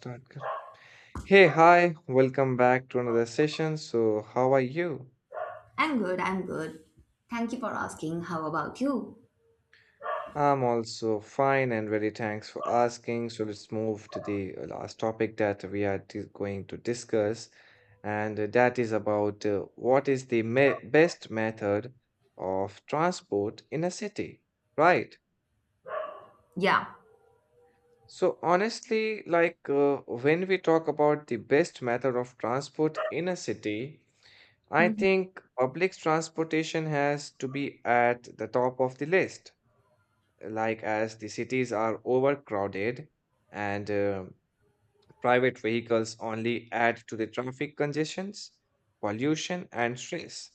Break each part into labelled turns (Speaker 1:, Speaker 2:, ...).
Speaker 1: Start. Hey, hi, welcome back to another session. So, how are you?
Speaker 2: I'm good, I'm good. Thank you for asking. How about you?
Speaker 1: I'm also fine and very thanks for asking. So, let's move to the last topic that we are going to discuss, and that is about what is the me best method of transport in a city, right?
Speaker 2: Yeah.
Speaker 1: So, honestly, like when we talk about the best method of transport in a city, I
Speaker 2: Mhm.
Speaker 1: think public transportation has to be at the top of the list, like as the cities are overcrowded and private vehicles only add to the traffic congestions, pollution, and stress.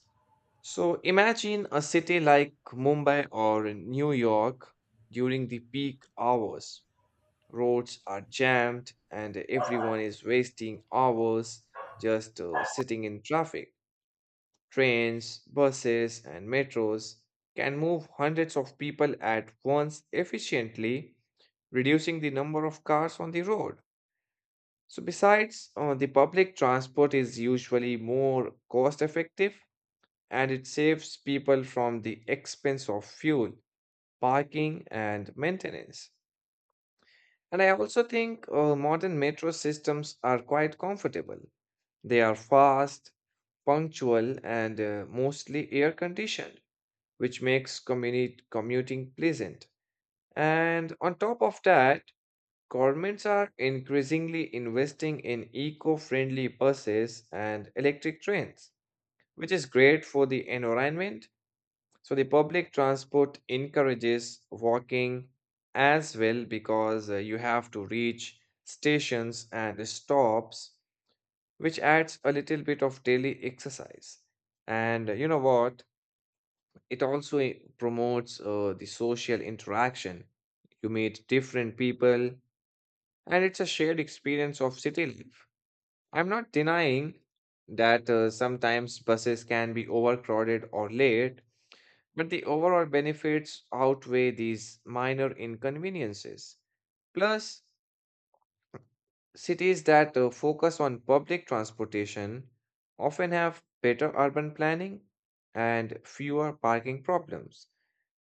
Speaker 1: So imagine a city like Mumbai or New York during the peak hours. Roads are jammed and everyone is wasting hours just sitting in traffic. Trains, buses, and metros can move hundreds of people at once efficiently, reducing the number of cars on the road. So, besides, the public transport is usually more cost effective and it saves people from the expense of fuel, parking, and maintenance. And I also think modern metro systems are quite comfortable. They are fast, punctual, and mostly air conditioned, which makes commuting pleasant. And on top of that, governments are increasingly investing in eco friendly buses and electric trains, which is great for the environment. So, the public transport encourages walking as well because you have to reach stations and stops, which adds a little bit of daily exercise. And you know what? It also promotes the social interaction. You meet different people, and it's a shared experience of city life. I'm not denying that sometimes buses can be overcrowded or late, but the overall benefits outweigh these minor inconveniences. Plus, cities that focus on public transportation often have better urban planning and fewer parking problems.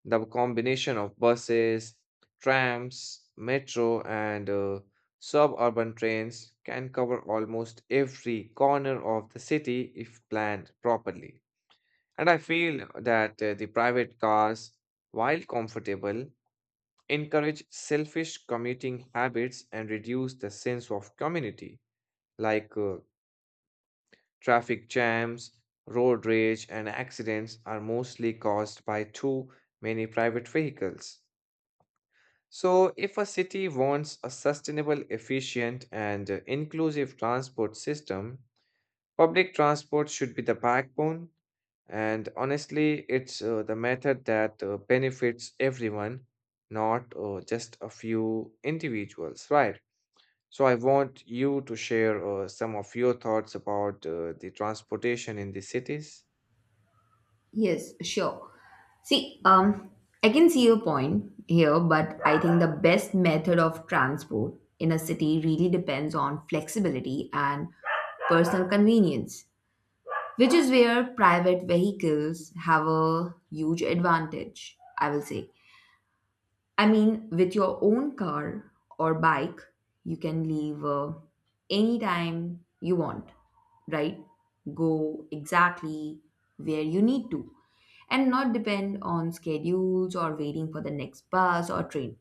Speaker 1: The combination of buses, trams, metro, and suburban trains can cover almost every corner of the city if planned properly. And I feel that the private cars, while comfortable, encourage selfish commuting habits and reduce the sense of community like traffic jams, road rage, and accidents are mostly caused by too many private vehicles. So, if a city wants a sustainable, efficient, and inclusive transport system, public transport should be the backbone. And honestly, it's the method that benefits everyone, not just a few individuals, right? So I want you to share some of your thoughts about the transportation in the cities.
Speaker 2: Yes, sure. See, I can see your point here, but I think the best method of transport in a city really depends on flexibility and personal convenience, which is where private vehicles have a huge advantage, I will say. I mean, with your own car or bike, you can leave anytime you want, right? Go exactly where you need to and not depend on schedules or waiting for the next bus or train.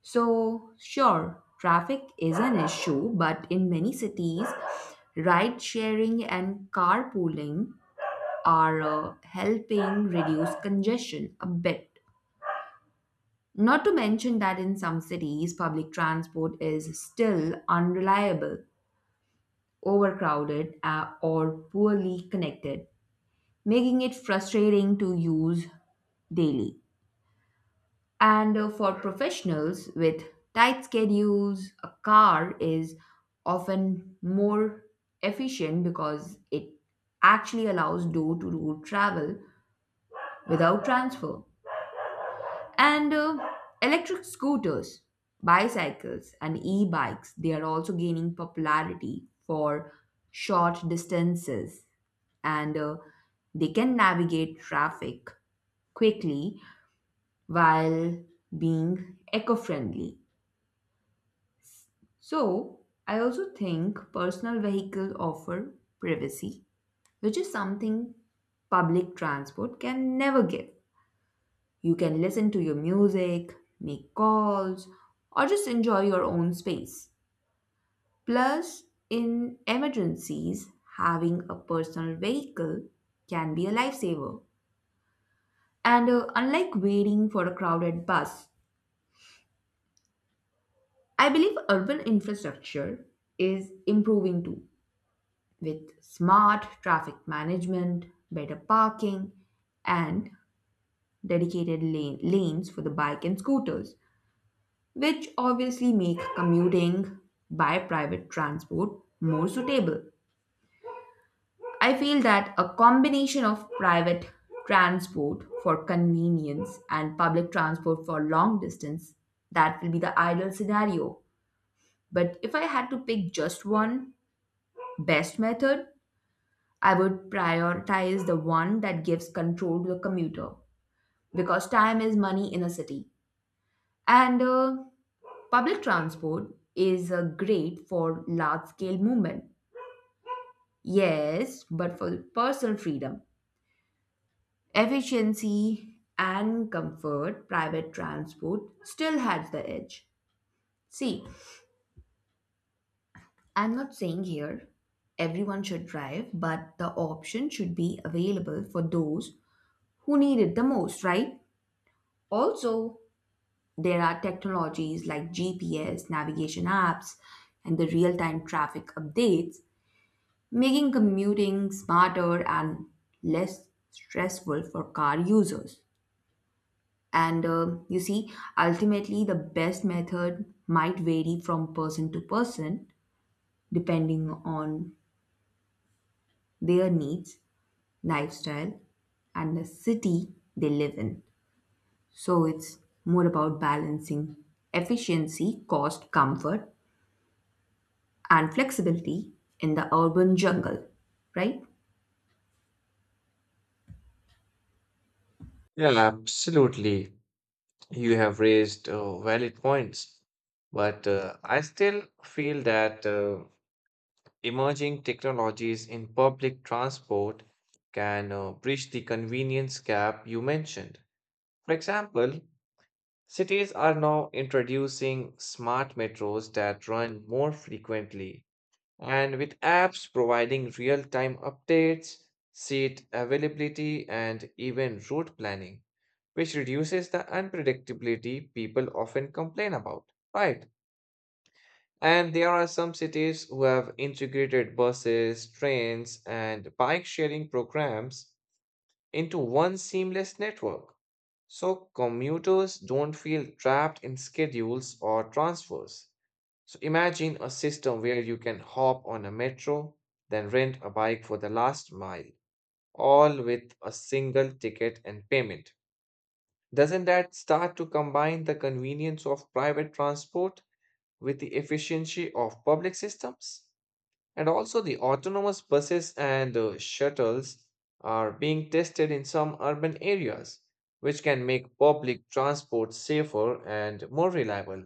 Speaker 2: So, sure, traffic is an issue, but in many cities, ride sharing and carpooling are helping reduce congestion a bit. Not to mention that in some cities, public transport is still unreliable, overcrowded, or poorly connected, making it frustrating to use daily. And for professionals with tight schedules, a car is often more efficient because it actually allows door to door travel without transfer. And electric scooters, bicycles, and e bikes, they are also gaining popularity for short distances and they can navigate traffic quickly while being eco friendly. So, I also think personal vehicles offer privacy, which is something public transport can never give. You can listen to your music, make calls, or just enjoy your own space. Plus, in emergencies, having a personal vehicle can be a lifesaver. And unlike waiting for a crowded bus, I believe urban infrastructure is improving too, with smart traffic management, better parking, and lanes for the bike and scooters, which obviously make commuting by private transport more suitable. I feel that a combination of private transport for convenience and public transport for long distance, that will be the ideal scenario. But if I had to pick just one best method, I would prioritize the one that gives control to the commuter because time is money in a city. And Public transport is great for large scale movement, yes, but for personal freedom, efficiency, and comfort, private transport still has the edge. See, I'm not saying here everyone should drive, but the option should be available for those who need it the most, right? Also, there are technologies like GPS, navigation apps, and the real time traffic updates making commuting smarter and less stressful for car users. And uh, you see, Ultimately, the best method might vary from person to person depending on their needs, lifestyle, and the city they live in. So it's more about balancing efficiency, cost, comfort, and flexibility in the urban jungle, right?
Speaker 1: Yeah, absolutely. You have raised valid points, but I still feel that emerging technologies in public transport can bridge the convenience gap you mentioned. For example, cities are now introducing smart metros that run more frequently. And with apps providing real time updates, seat availability, and even route planning, which reduces the unpredictability people often complain about, right. And there are some cities who have integrated buses, trains, and bike sharing programs into one seamless network. So commuters don't feel trapped in schedules or transfers. So imagine a system where you can hop on a metro, then rent a bike for the last mile, all with a single ticket and payment. Doesn't that start to combine the convenience of private transport with the efficiency of public systems? And also, the autonomous buses and shuttles are being tested in some urban areas, which can make public transport safer and more reliable.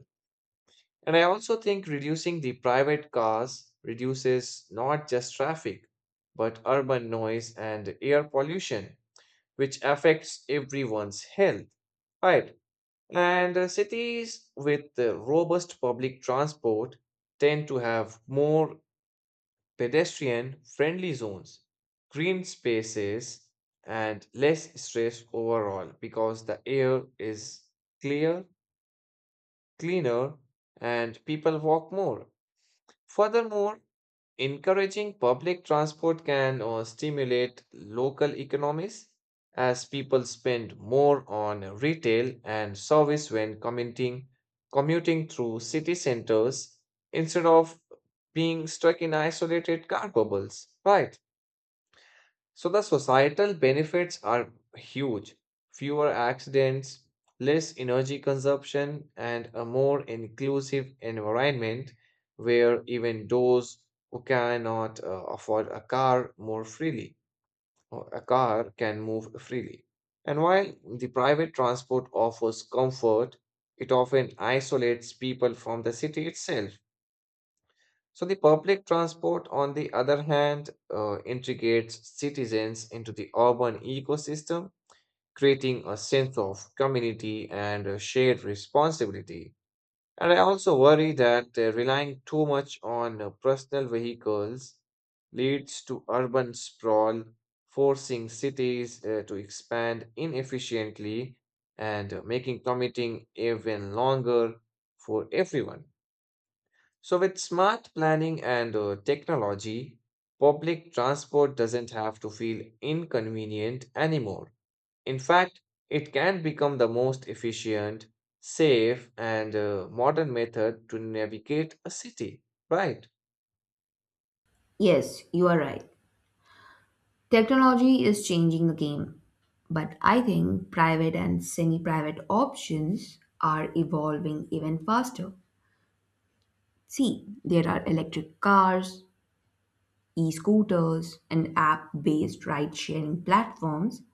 Speaker 1: And I also think reducing the private cars reduces not just traffic, but urban noise and air pollution, which affects everyone's health. Right. And cities with robust public transport tend to have more pedestrian friendly zones, green spaces, and less stress overall because the air is clear, cleaner, and people walk more. Furthermore, encouraging public transport can stimulate local economies as people spend more on retail and service when commuting through city centers instead of being stuck in isolated car bubbles, right? So the societal benefits are huge. Fewer accidents, less energy consumption, and a more inclusive environment where even those who cannot afford a car more freely, or a car can move freely. And while the private transport offers comfort, it often isolates people from the city itself. So, the public transport, on the other hand, integrates citizens into the urban ecosystem, creating a sense of community and a shared responsibility. And I also worry that relying too much on personal vehicles leads to urban sprawl, forcing cities to expand inefficiently and making commuting even longer for everyone. So, with smart planning and technology, public transport doesn't have to feel inconvenient anymore. In fact, it can become the most efficient, safe, and modern method to navigate a city, right?
Speaker 2: Yes, you are right. Technology is changing the game, but I think private and semi private options are evolving even faster. See, there are electric cars, e scooters, and app based ride sharing platforms.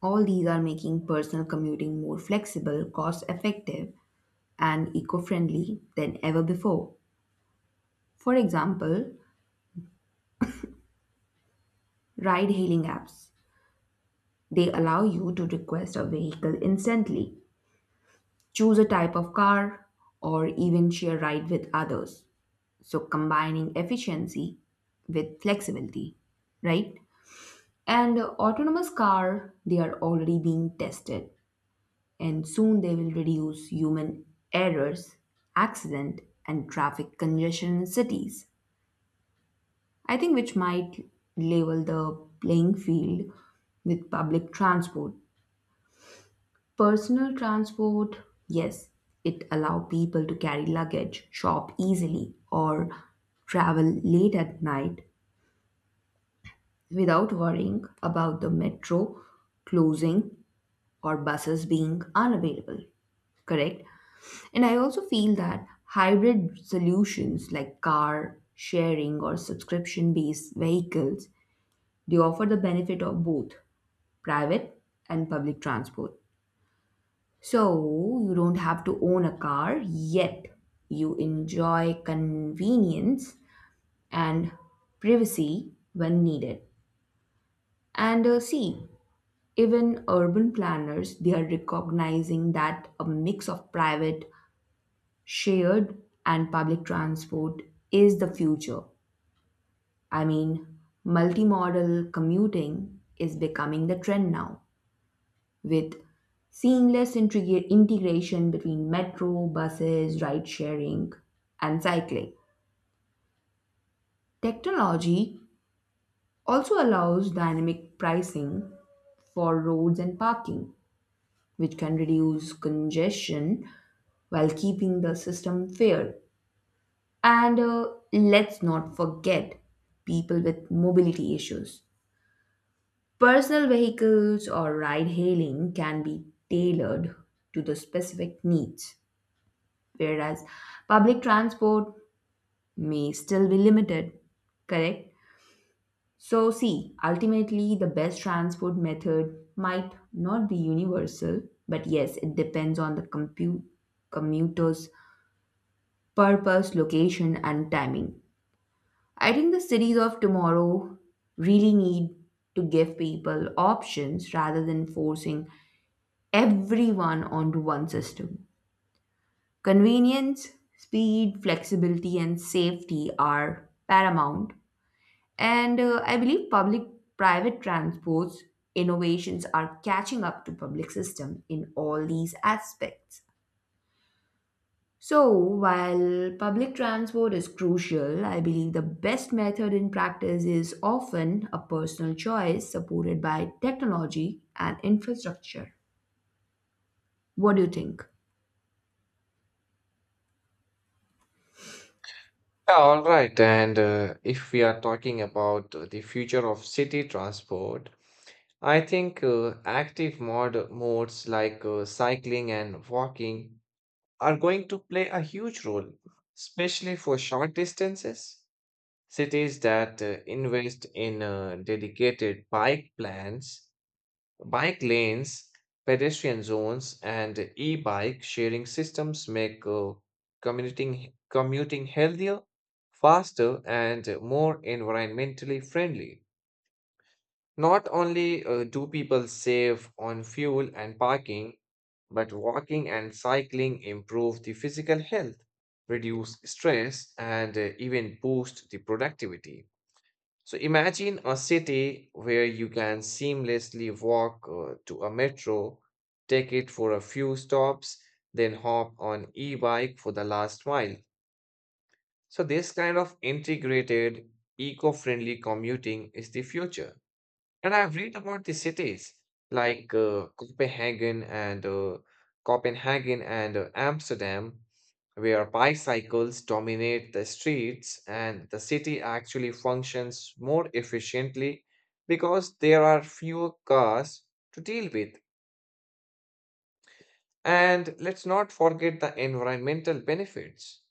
Speaker 2: All these are making personal commuting more flexible, cost effective, and eco friendly than ever before. For example, ride hailing apps. They allow you to request a vehicle instantly, choose a type of car, or even share ride with others. So combining efficiency with flexibility, right? And autonomous car, they are already being tested and soon they will reduce human errors, accident and traffic congestion in cities. I think which might level the playing field with public transport. Personal transport, yes, it allow people to carry luggage, shop easily, or travel late at night without worrying about the metro closing or buses being unavailable. Correct? And I also feel that hybrid solutions like car sharing or subscription based vehicles, they offer the benefit of both private and public transport. So you don't have to own a car, yet you enjoy convenience and privacy when needed. And uh, see, Even urban planners, they are recognizing that a mix of private, shared and public transport is the future. I mean, multimodal commuting is becoming the trend now, with integration between metro, buses, ride sharing, and cycling. Technology also allows dynamic pricing for roads and parking, which can reduce congestion while keeping the system fair. And Let's not forget people with mobility issues. Personal vehicles or ride hailing can be tailored to the specific needs, whereas public transport may still be limited, correct? So, see, ultimately, the best transport method might not be universal, but yes, it depends on the commuter's purpose, location, and timing. I think the cities of tomorrow really need to give people options rather than forcing everyone onto one system. Convenience, speed, flexibility, and safety are paramount. And I believe public private transports innovations are catching up to public system in all these aspects. So, while public transport is crucial, I believe the best method in practice is often a personal choice supported by technology and infrastructure. What do you think?
Speaker 1: Yeah, all right. And if we are talking about the future of city transport, I think active modes like cycling and walking are going to play a huge role, especially for short distances. Cities that invest in dedicated bike plans, bike lanes, pedestrian zones, and e-bike sharing systems make commuting healthier, faster, and more environmentally friendly. Not only do people save on fuel and parking, but walking and cycling improve the physical health, reduce stress, and even boost the productivity. So imagine a city where you can seamlessly walk to a metro, take it for a few stops, then hop on e-bike for the last mile. So this kind of integrated, eco-friendly commuting is the future. And I've read about the cities like Copenhagen and Amsterdam, where bicycles dominate the streets, and the city actually functions more efficiently because there are fewer cars to deal with. And let's not forget the environmental benefits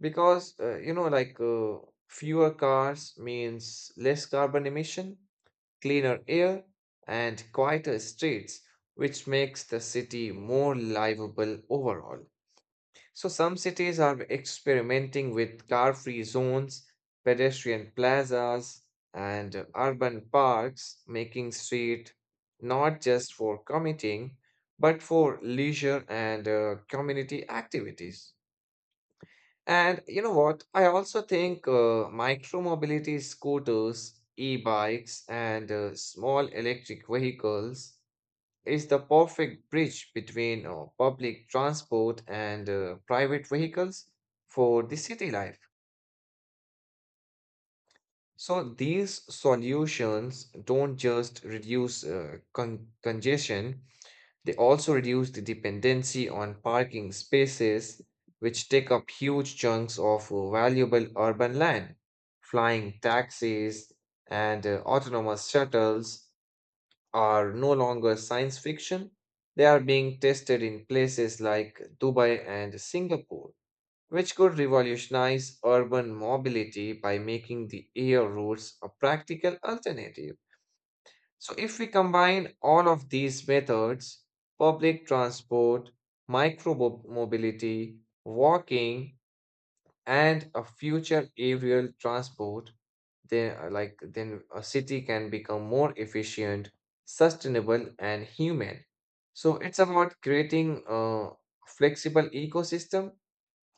Speaker 1: because you know, fewer cars means less carbon emission, cleaner air, and quieter streets, which makes the city more livable overall. So, some cities are experimenting with car free zones, pedestrian plazas, and urban parks, making street not just for commuting, but for leisure and community activities. And you know what? I also think micromobility scooters, e-bikes, and small electric vehicles is the perfect bridge between public transport and private vehicles for the city life. So these solutions don't just reduce congestion, they also reduce the dependency on parking spaces, which take up huge chunks of valuable urban land. Flying taxis and autonomous shuttles are no longer science fiction. They are being tested in places like Dubai and Singapore, which could revolutionize urban mobility by making the air routes a practical alternative. So, if we combine all of these methods public transport, micro mobility, walking, and a future aerial transport then, then a city can become more efficient, sustainable, and human. So, it's about creating a flexible ecosystem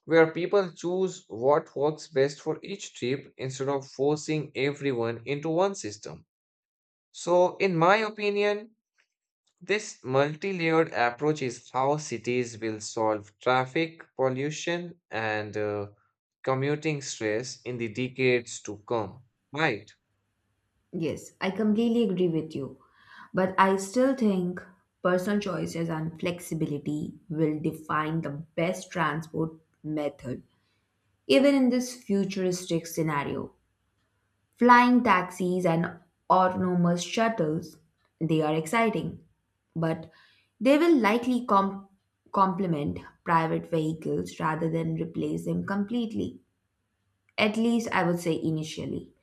Speaker 1: where people choose what works best for each trip instead of forcing everyone into one system. So, in my opinion, this multi layered approach is how cities will solve traffic pollution and commuting stress in the decades to come, right?
Speaker 2: Yes, I completely agree with you. But I still think personal choices and flexibility will define the best transport method. Even in this futuristic scenario, flying taxis and autonomous shuttles, they are exciting, but they will likely complement private vehicles rather than replace them completely. At least I would say initially.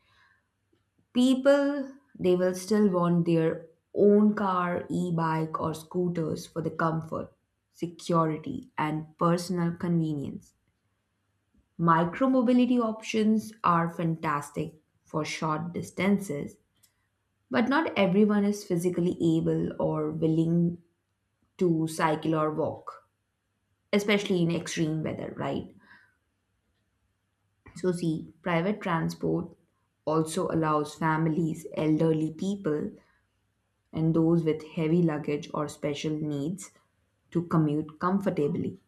Speaker 2: People, they will still want their own car, e bike, or scooters for the comfort, security, and personal convenience. Micromobility options are fantastic for short distances, but not everyone is physically able or willing to cycle or walk, especially in extreme weather, right? So, see, private transport also allows families, elderly people, and those with heavy luggage or special needs to commute comfortably.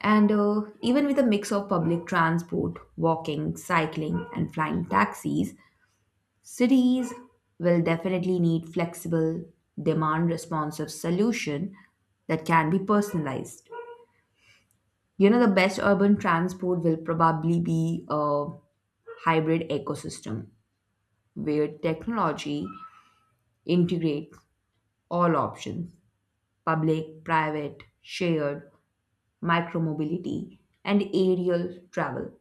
Speaker 2: And Even with a mix of public transport, walking, cycling, and flying taxis, cities will definitely need flexible, demand responsive solution that can be personalized. You know, the best urban transport will probably be a hybrid ecosystem where technology integrates all options: public, private, shared, micromobility, and aerial travel.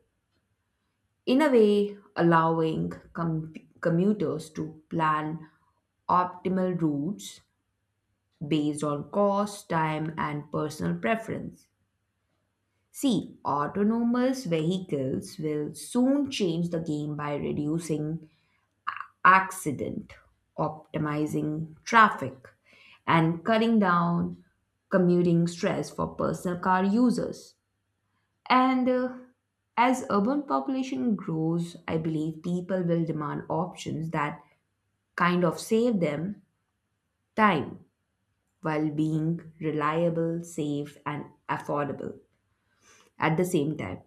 Speaker 2: In a way, allowing commuters to plan optimal routes based on cost, time, and personal preference. See, autonomous vehicles will soon change the game by reducing accident, optimizing traffic, and cutting down commuting stress for personal car users. And As urban population grows, I believe people will demand options that kind of save them time while being reliable, safe, and affordable at the same time.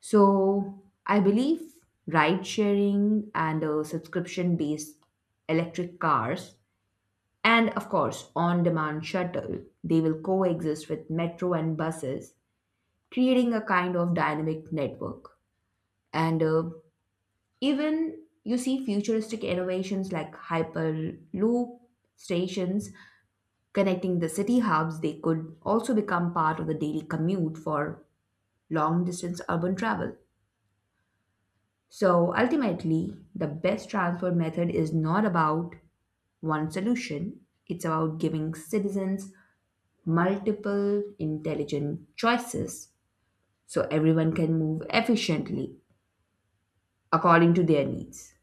Speaker 2: So I believe ride sharing and subscription based electric cars and of course on demand shuttle, they will coexist with metro and buses, creating a kind of dynamic network. And Even you see futuristic innovations like Hyperloop stations connecting the city hubs, they could also become part of the daily commute for long distance urban travel. So ultimately, the best transport method is not about one solution, it's about giving citizens multiple intelligent choices so everyone can move efficiently according to their needs.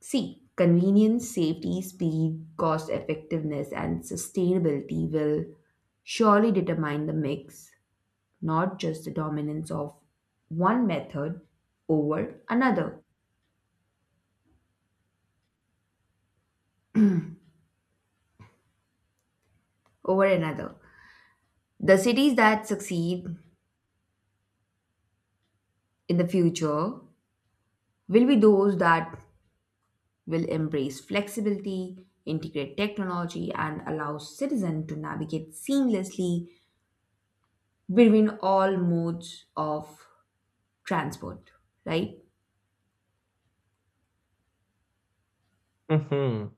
Speaker 2: See, convenience, safety, speed, cost effectiveness, and sustainability will surely determine the mix, not just the dominance of one method over another. over another. The cities that succeed in the future will be those that will embrace flexibility, integrate technology, and allow citizens to navigate seamlessly between all modes of transport, right?
Speaker 1: Mm-hmm.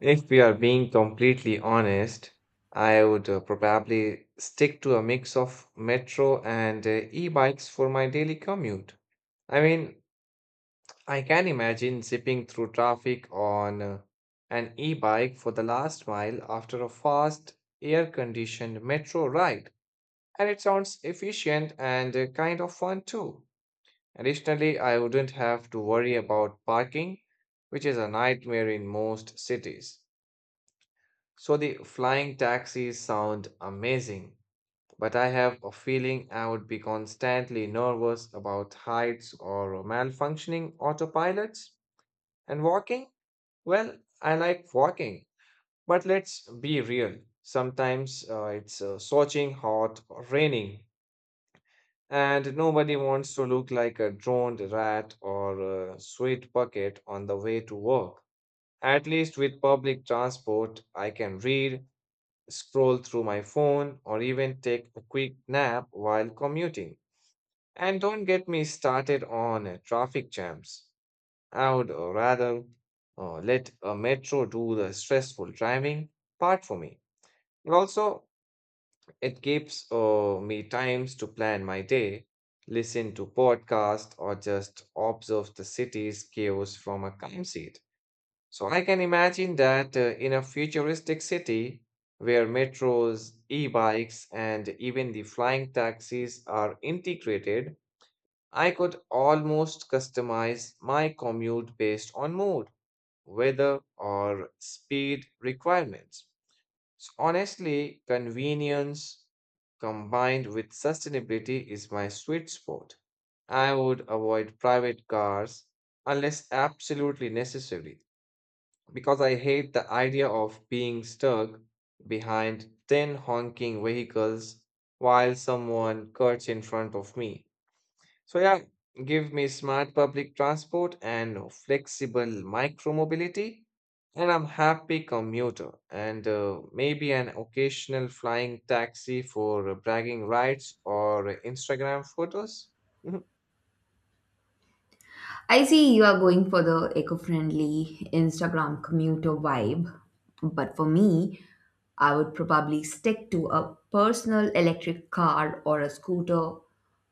Speaker 1: If we are being completely honest, I would probably stick to a mix of metro and e bikes for my daily commute. I mean, I can imagine zipping through traffic on an e bike for the last mile after a fast, air conditioned metro ride. And it sounds efficient and kind of fun too. Additionally, I wouldn't have to worry about parking, which is a nightmare in most cities. So the flying taxis sound amazing, but I have a feeling I would be constantly nervous about heights or malfunctioning autopilots and walking. Well, I like walking, but let's be real. Sometimes it's scorching hot or raining, and nobody wants to look like a droned rat or a sweat bucket on the way to work. At least with public transport, I can read, scroll through my phone, or even take a quick nap while commuting. And don't get me started on traffic jams. I would rather let a metro do the stressful driving part for me. And also, it gives me times to plan my day, listen to podcast, or just observe the city's chaos from a calm seat. So I can imagine that in a futuristic city where metros, e-bikes, and even the flying taxis are integrated, I could almost customize my commute based on mood, weather, or speed requirements. So honestly, convenience combined with sustainability is my sweet spot. I would avoid private cars unless absolutely necessary because I hate the idea of being stuck behind 10 honking vehicles while someone cuts in front of me. So, yeah, give me smart public transport and flexible micromobility, and I'm happy commuter and maybe an occasional flying taxi for bragging rights or Instagram photos. Mhm.
Speaker 2: I see you are going for the eco friendly Instagram commuter vibe, but for me, I would probably stick to a personal electric car or a scooter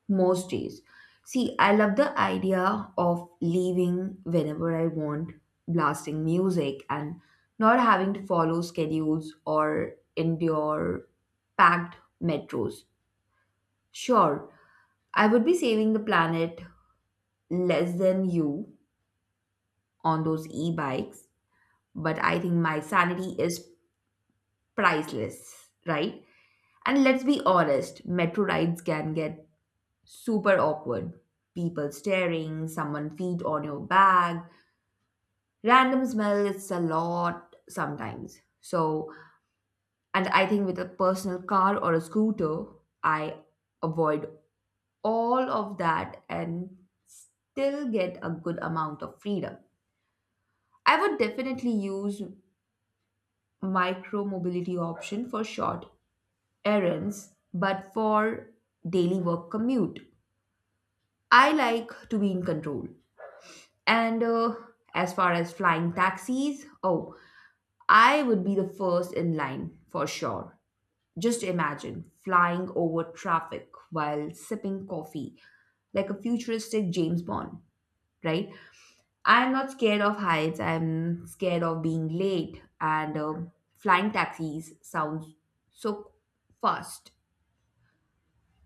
Speaker 2: most days. See, I love the idea of leaving whenever I want, blasting music, and not having to follow schedules or endure packed metros. Sure, I would be saving the planet less than you, on those e-bikes, but I think my sanity is priceless, right? And let's be honest, metro rides can get super awkward. People staring, someone feet on your bag, random smell, it's a lot sometimes. So, and I think with a personal car or a scooter, I avoid all of that and still get a good amount of freedom. I would definitely use micromobility option for short errands, but for daily work commute, I like to be in control. And As far as flying taxis, oh, I would be the first in line for sure. Just imagine flying over traffic while sipping coffee like a futuristic James Bond, right? I'm not scared of heights. I'm scared of being late, and flying taxis sounds so fast.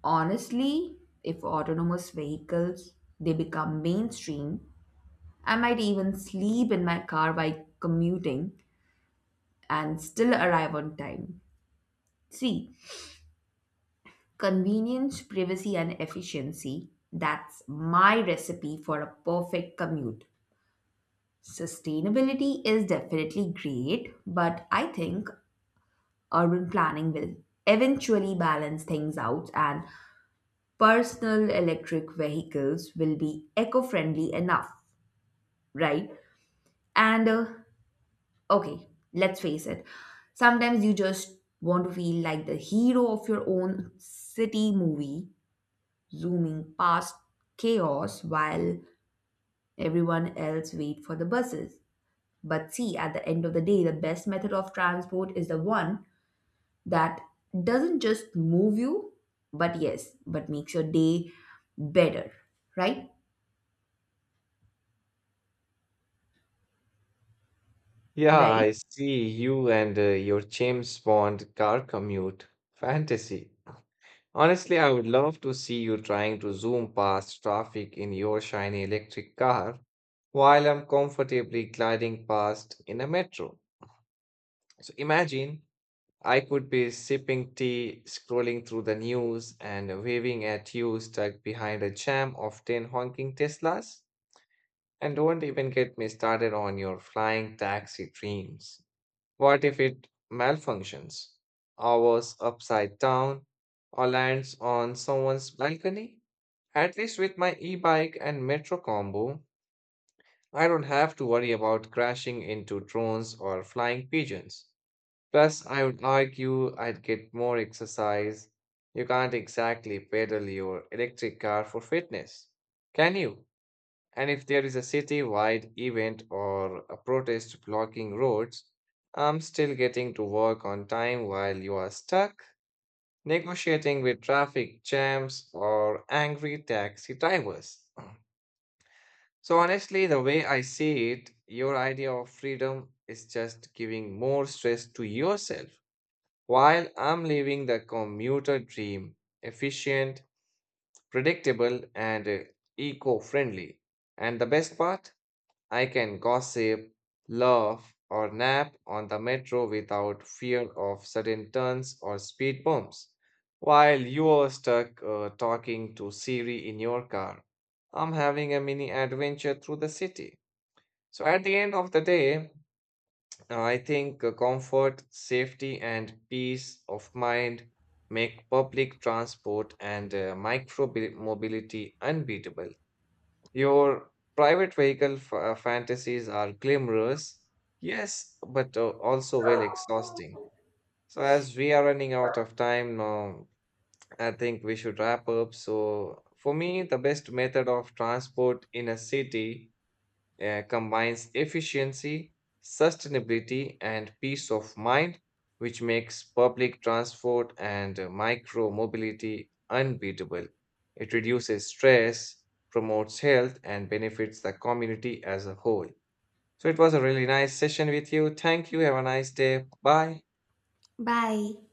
Speaker 2: Honestly, if autonomous vehicles they become mainstream, I might even sleep in my car while commuting and still arrive on time. Three, convenience, privacy, and efficiency. That's my recipe for a perfect commute. Sustainability is definitely great, but I think urban planning will eventually balance things out and personal electric vehicles will be eco-friendly enough, right? and Okay, let's face it, sometimes you just want to feel like the hero of your own city movie, zooming past chaos while everyone else wait for the buses. But see, at the end of the day, the best method of transport is the one that doesn't just move you, but yes, but makes your day better, right?
Speaker 1: Yeah,
Speaker 2: Right?
Speaker 1: I see you and your James Bond car commute. Fantasy. Honestly, I would love to see you trying to zoom past traffic in your shiny electric car while I'm comfortably gliding past in a metro. So imagine I could be sipping tea, scrolling through the news, and waving at you stuck behind a jam of 10 honking Teslas. And don't even get me started on your flying taxi dreams. What if it malfunctions, hours upside down, or lands on someone's balcony? At least with my e bike and metro combo, I don't have to worry about crashing into drones or flying pigeons. Plus, I would argue I'd get more exercise. You can't exactly pedal your electric car for fitness, can you? And if there is a city-wide event or a protest blocking roads, I'm still getting to work on time while you are stuck negotiating with traffic jams or angry taxi drivers. So, honestly, the way I see it, your idea of freedom is just giving more stress to yourself while I'm living the commuter dream efficient, predictable, and eco friendly. And the best part? I can gossip, laugh, or nap on the metro without fear of sudden turns or speed bumps, while you're stuck talking to Siri in your car. I'm having a mini adventure through the city. So, at the end of the day, I think comfort, safety, and peace of mind make public transport and micro mobility unbeatable. Your private vehicle fantasies are glamorous, yes, but also well exhausting. So, as we are running out of time now, I think we should wrap up. So, for me, the best method of transport in a city combines efficiency, sustainability, and peace of mind, which makes public transport and micro mobility unbeatable. It reduces stress, promotes health, and benefits the community as a whole. So, it was a really nice session with you. Thank you. Have a nice day. Bye.
Speaker 2: Bye.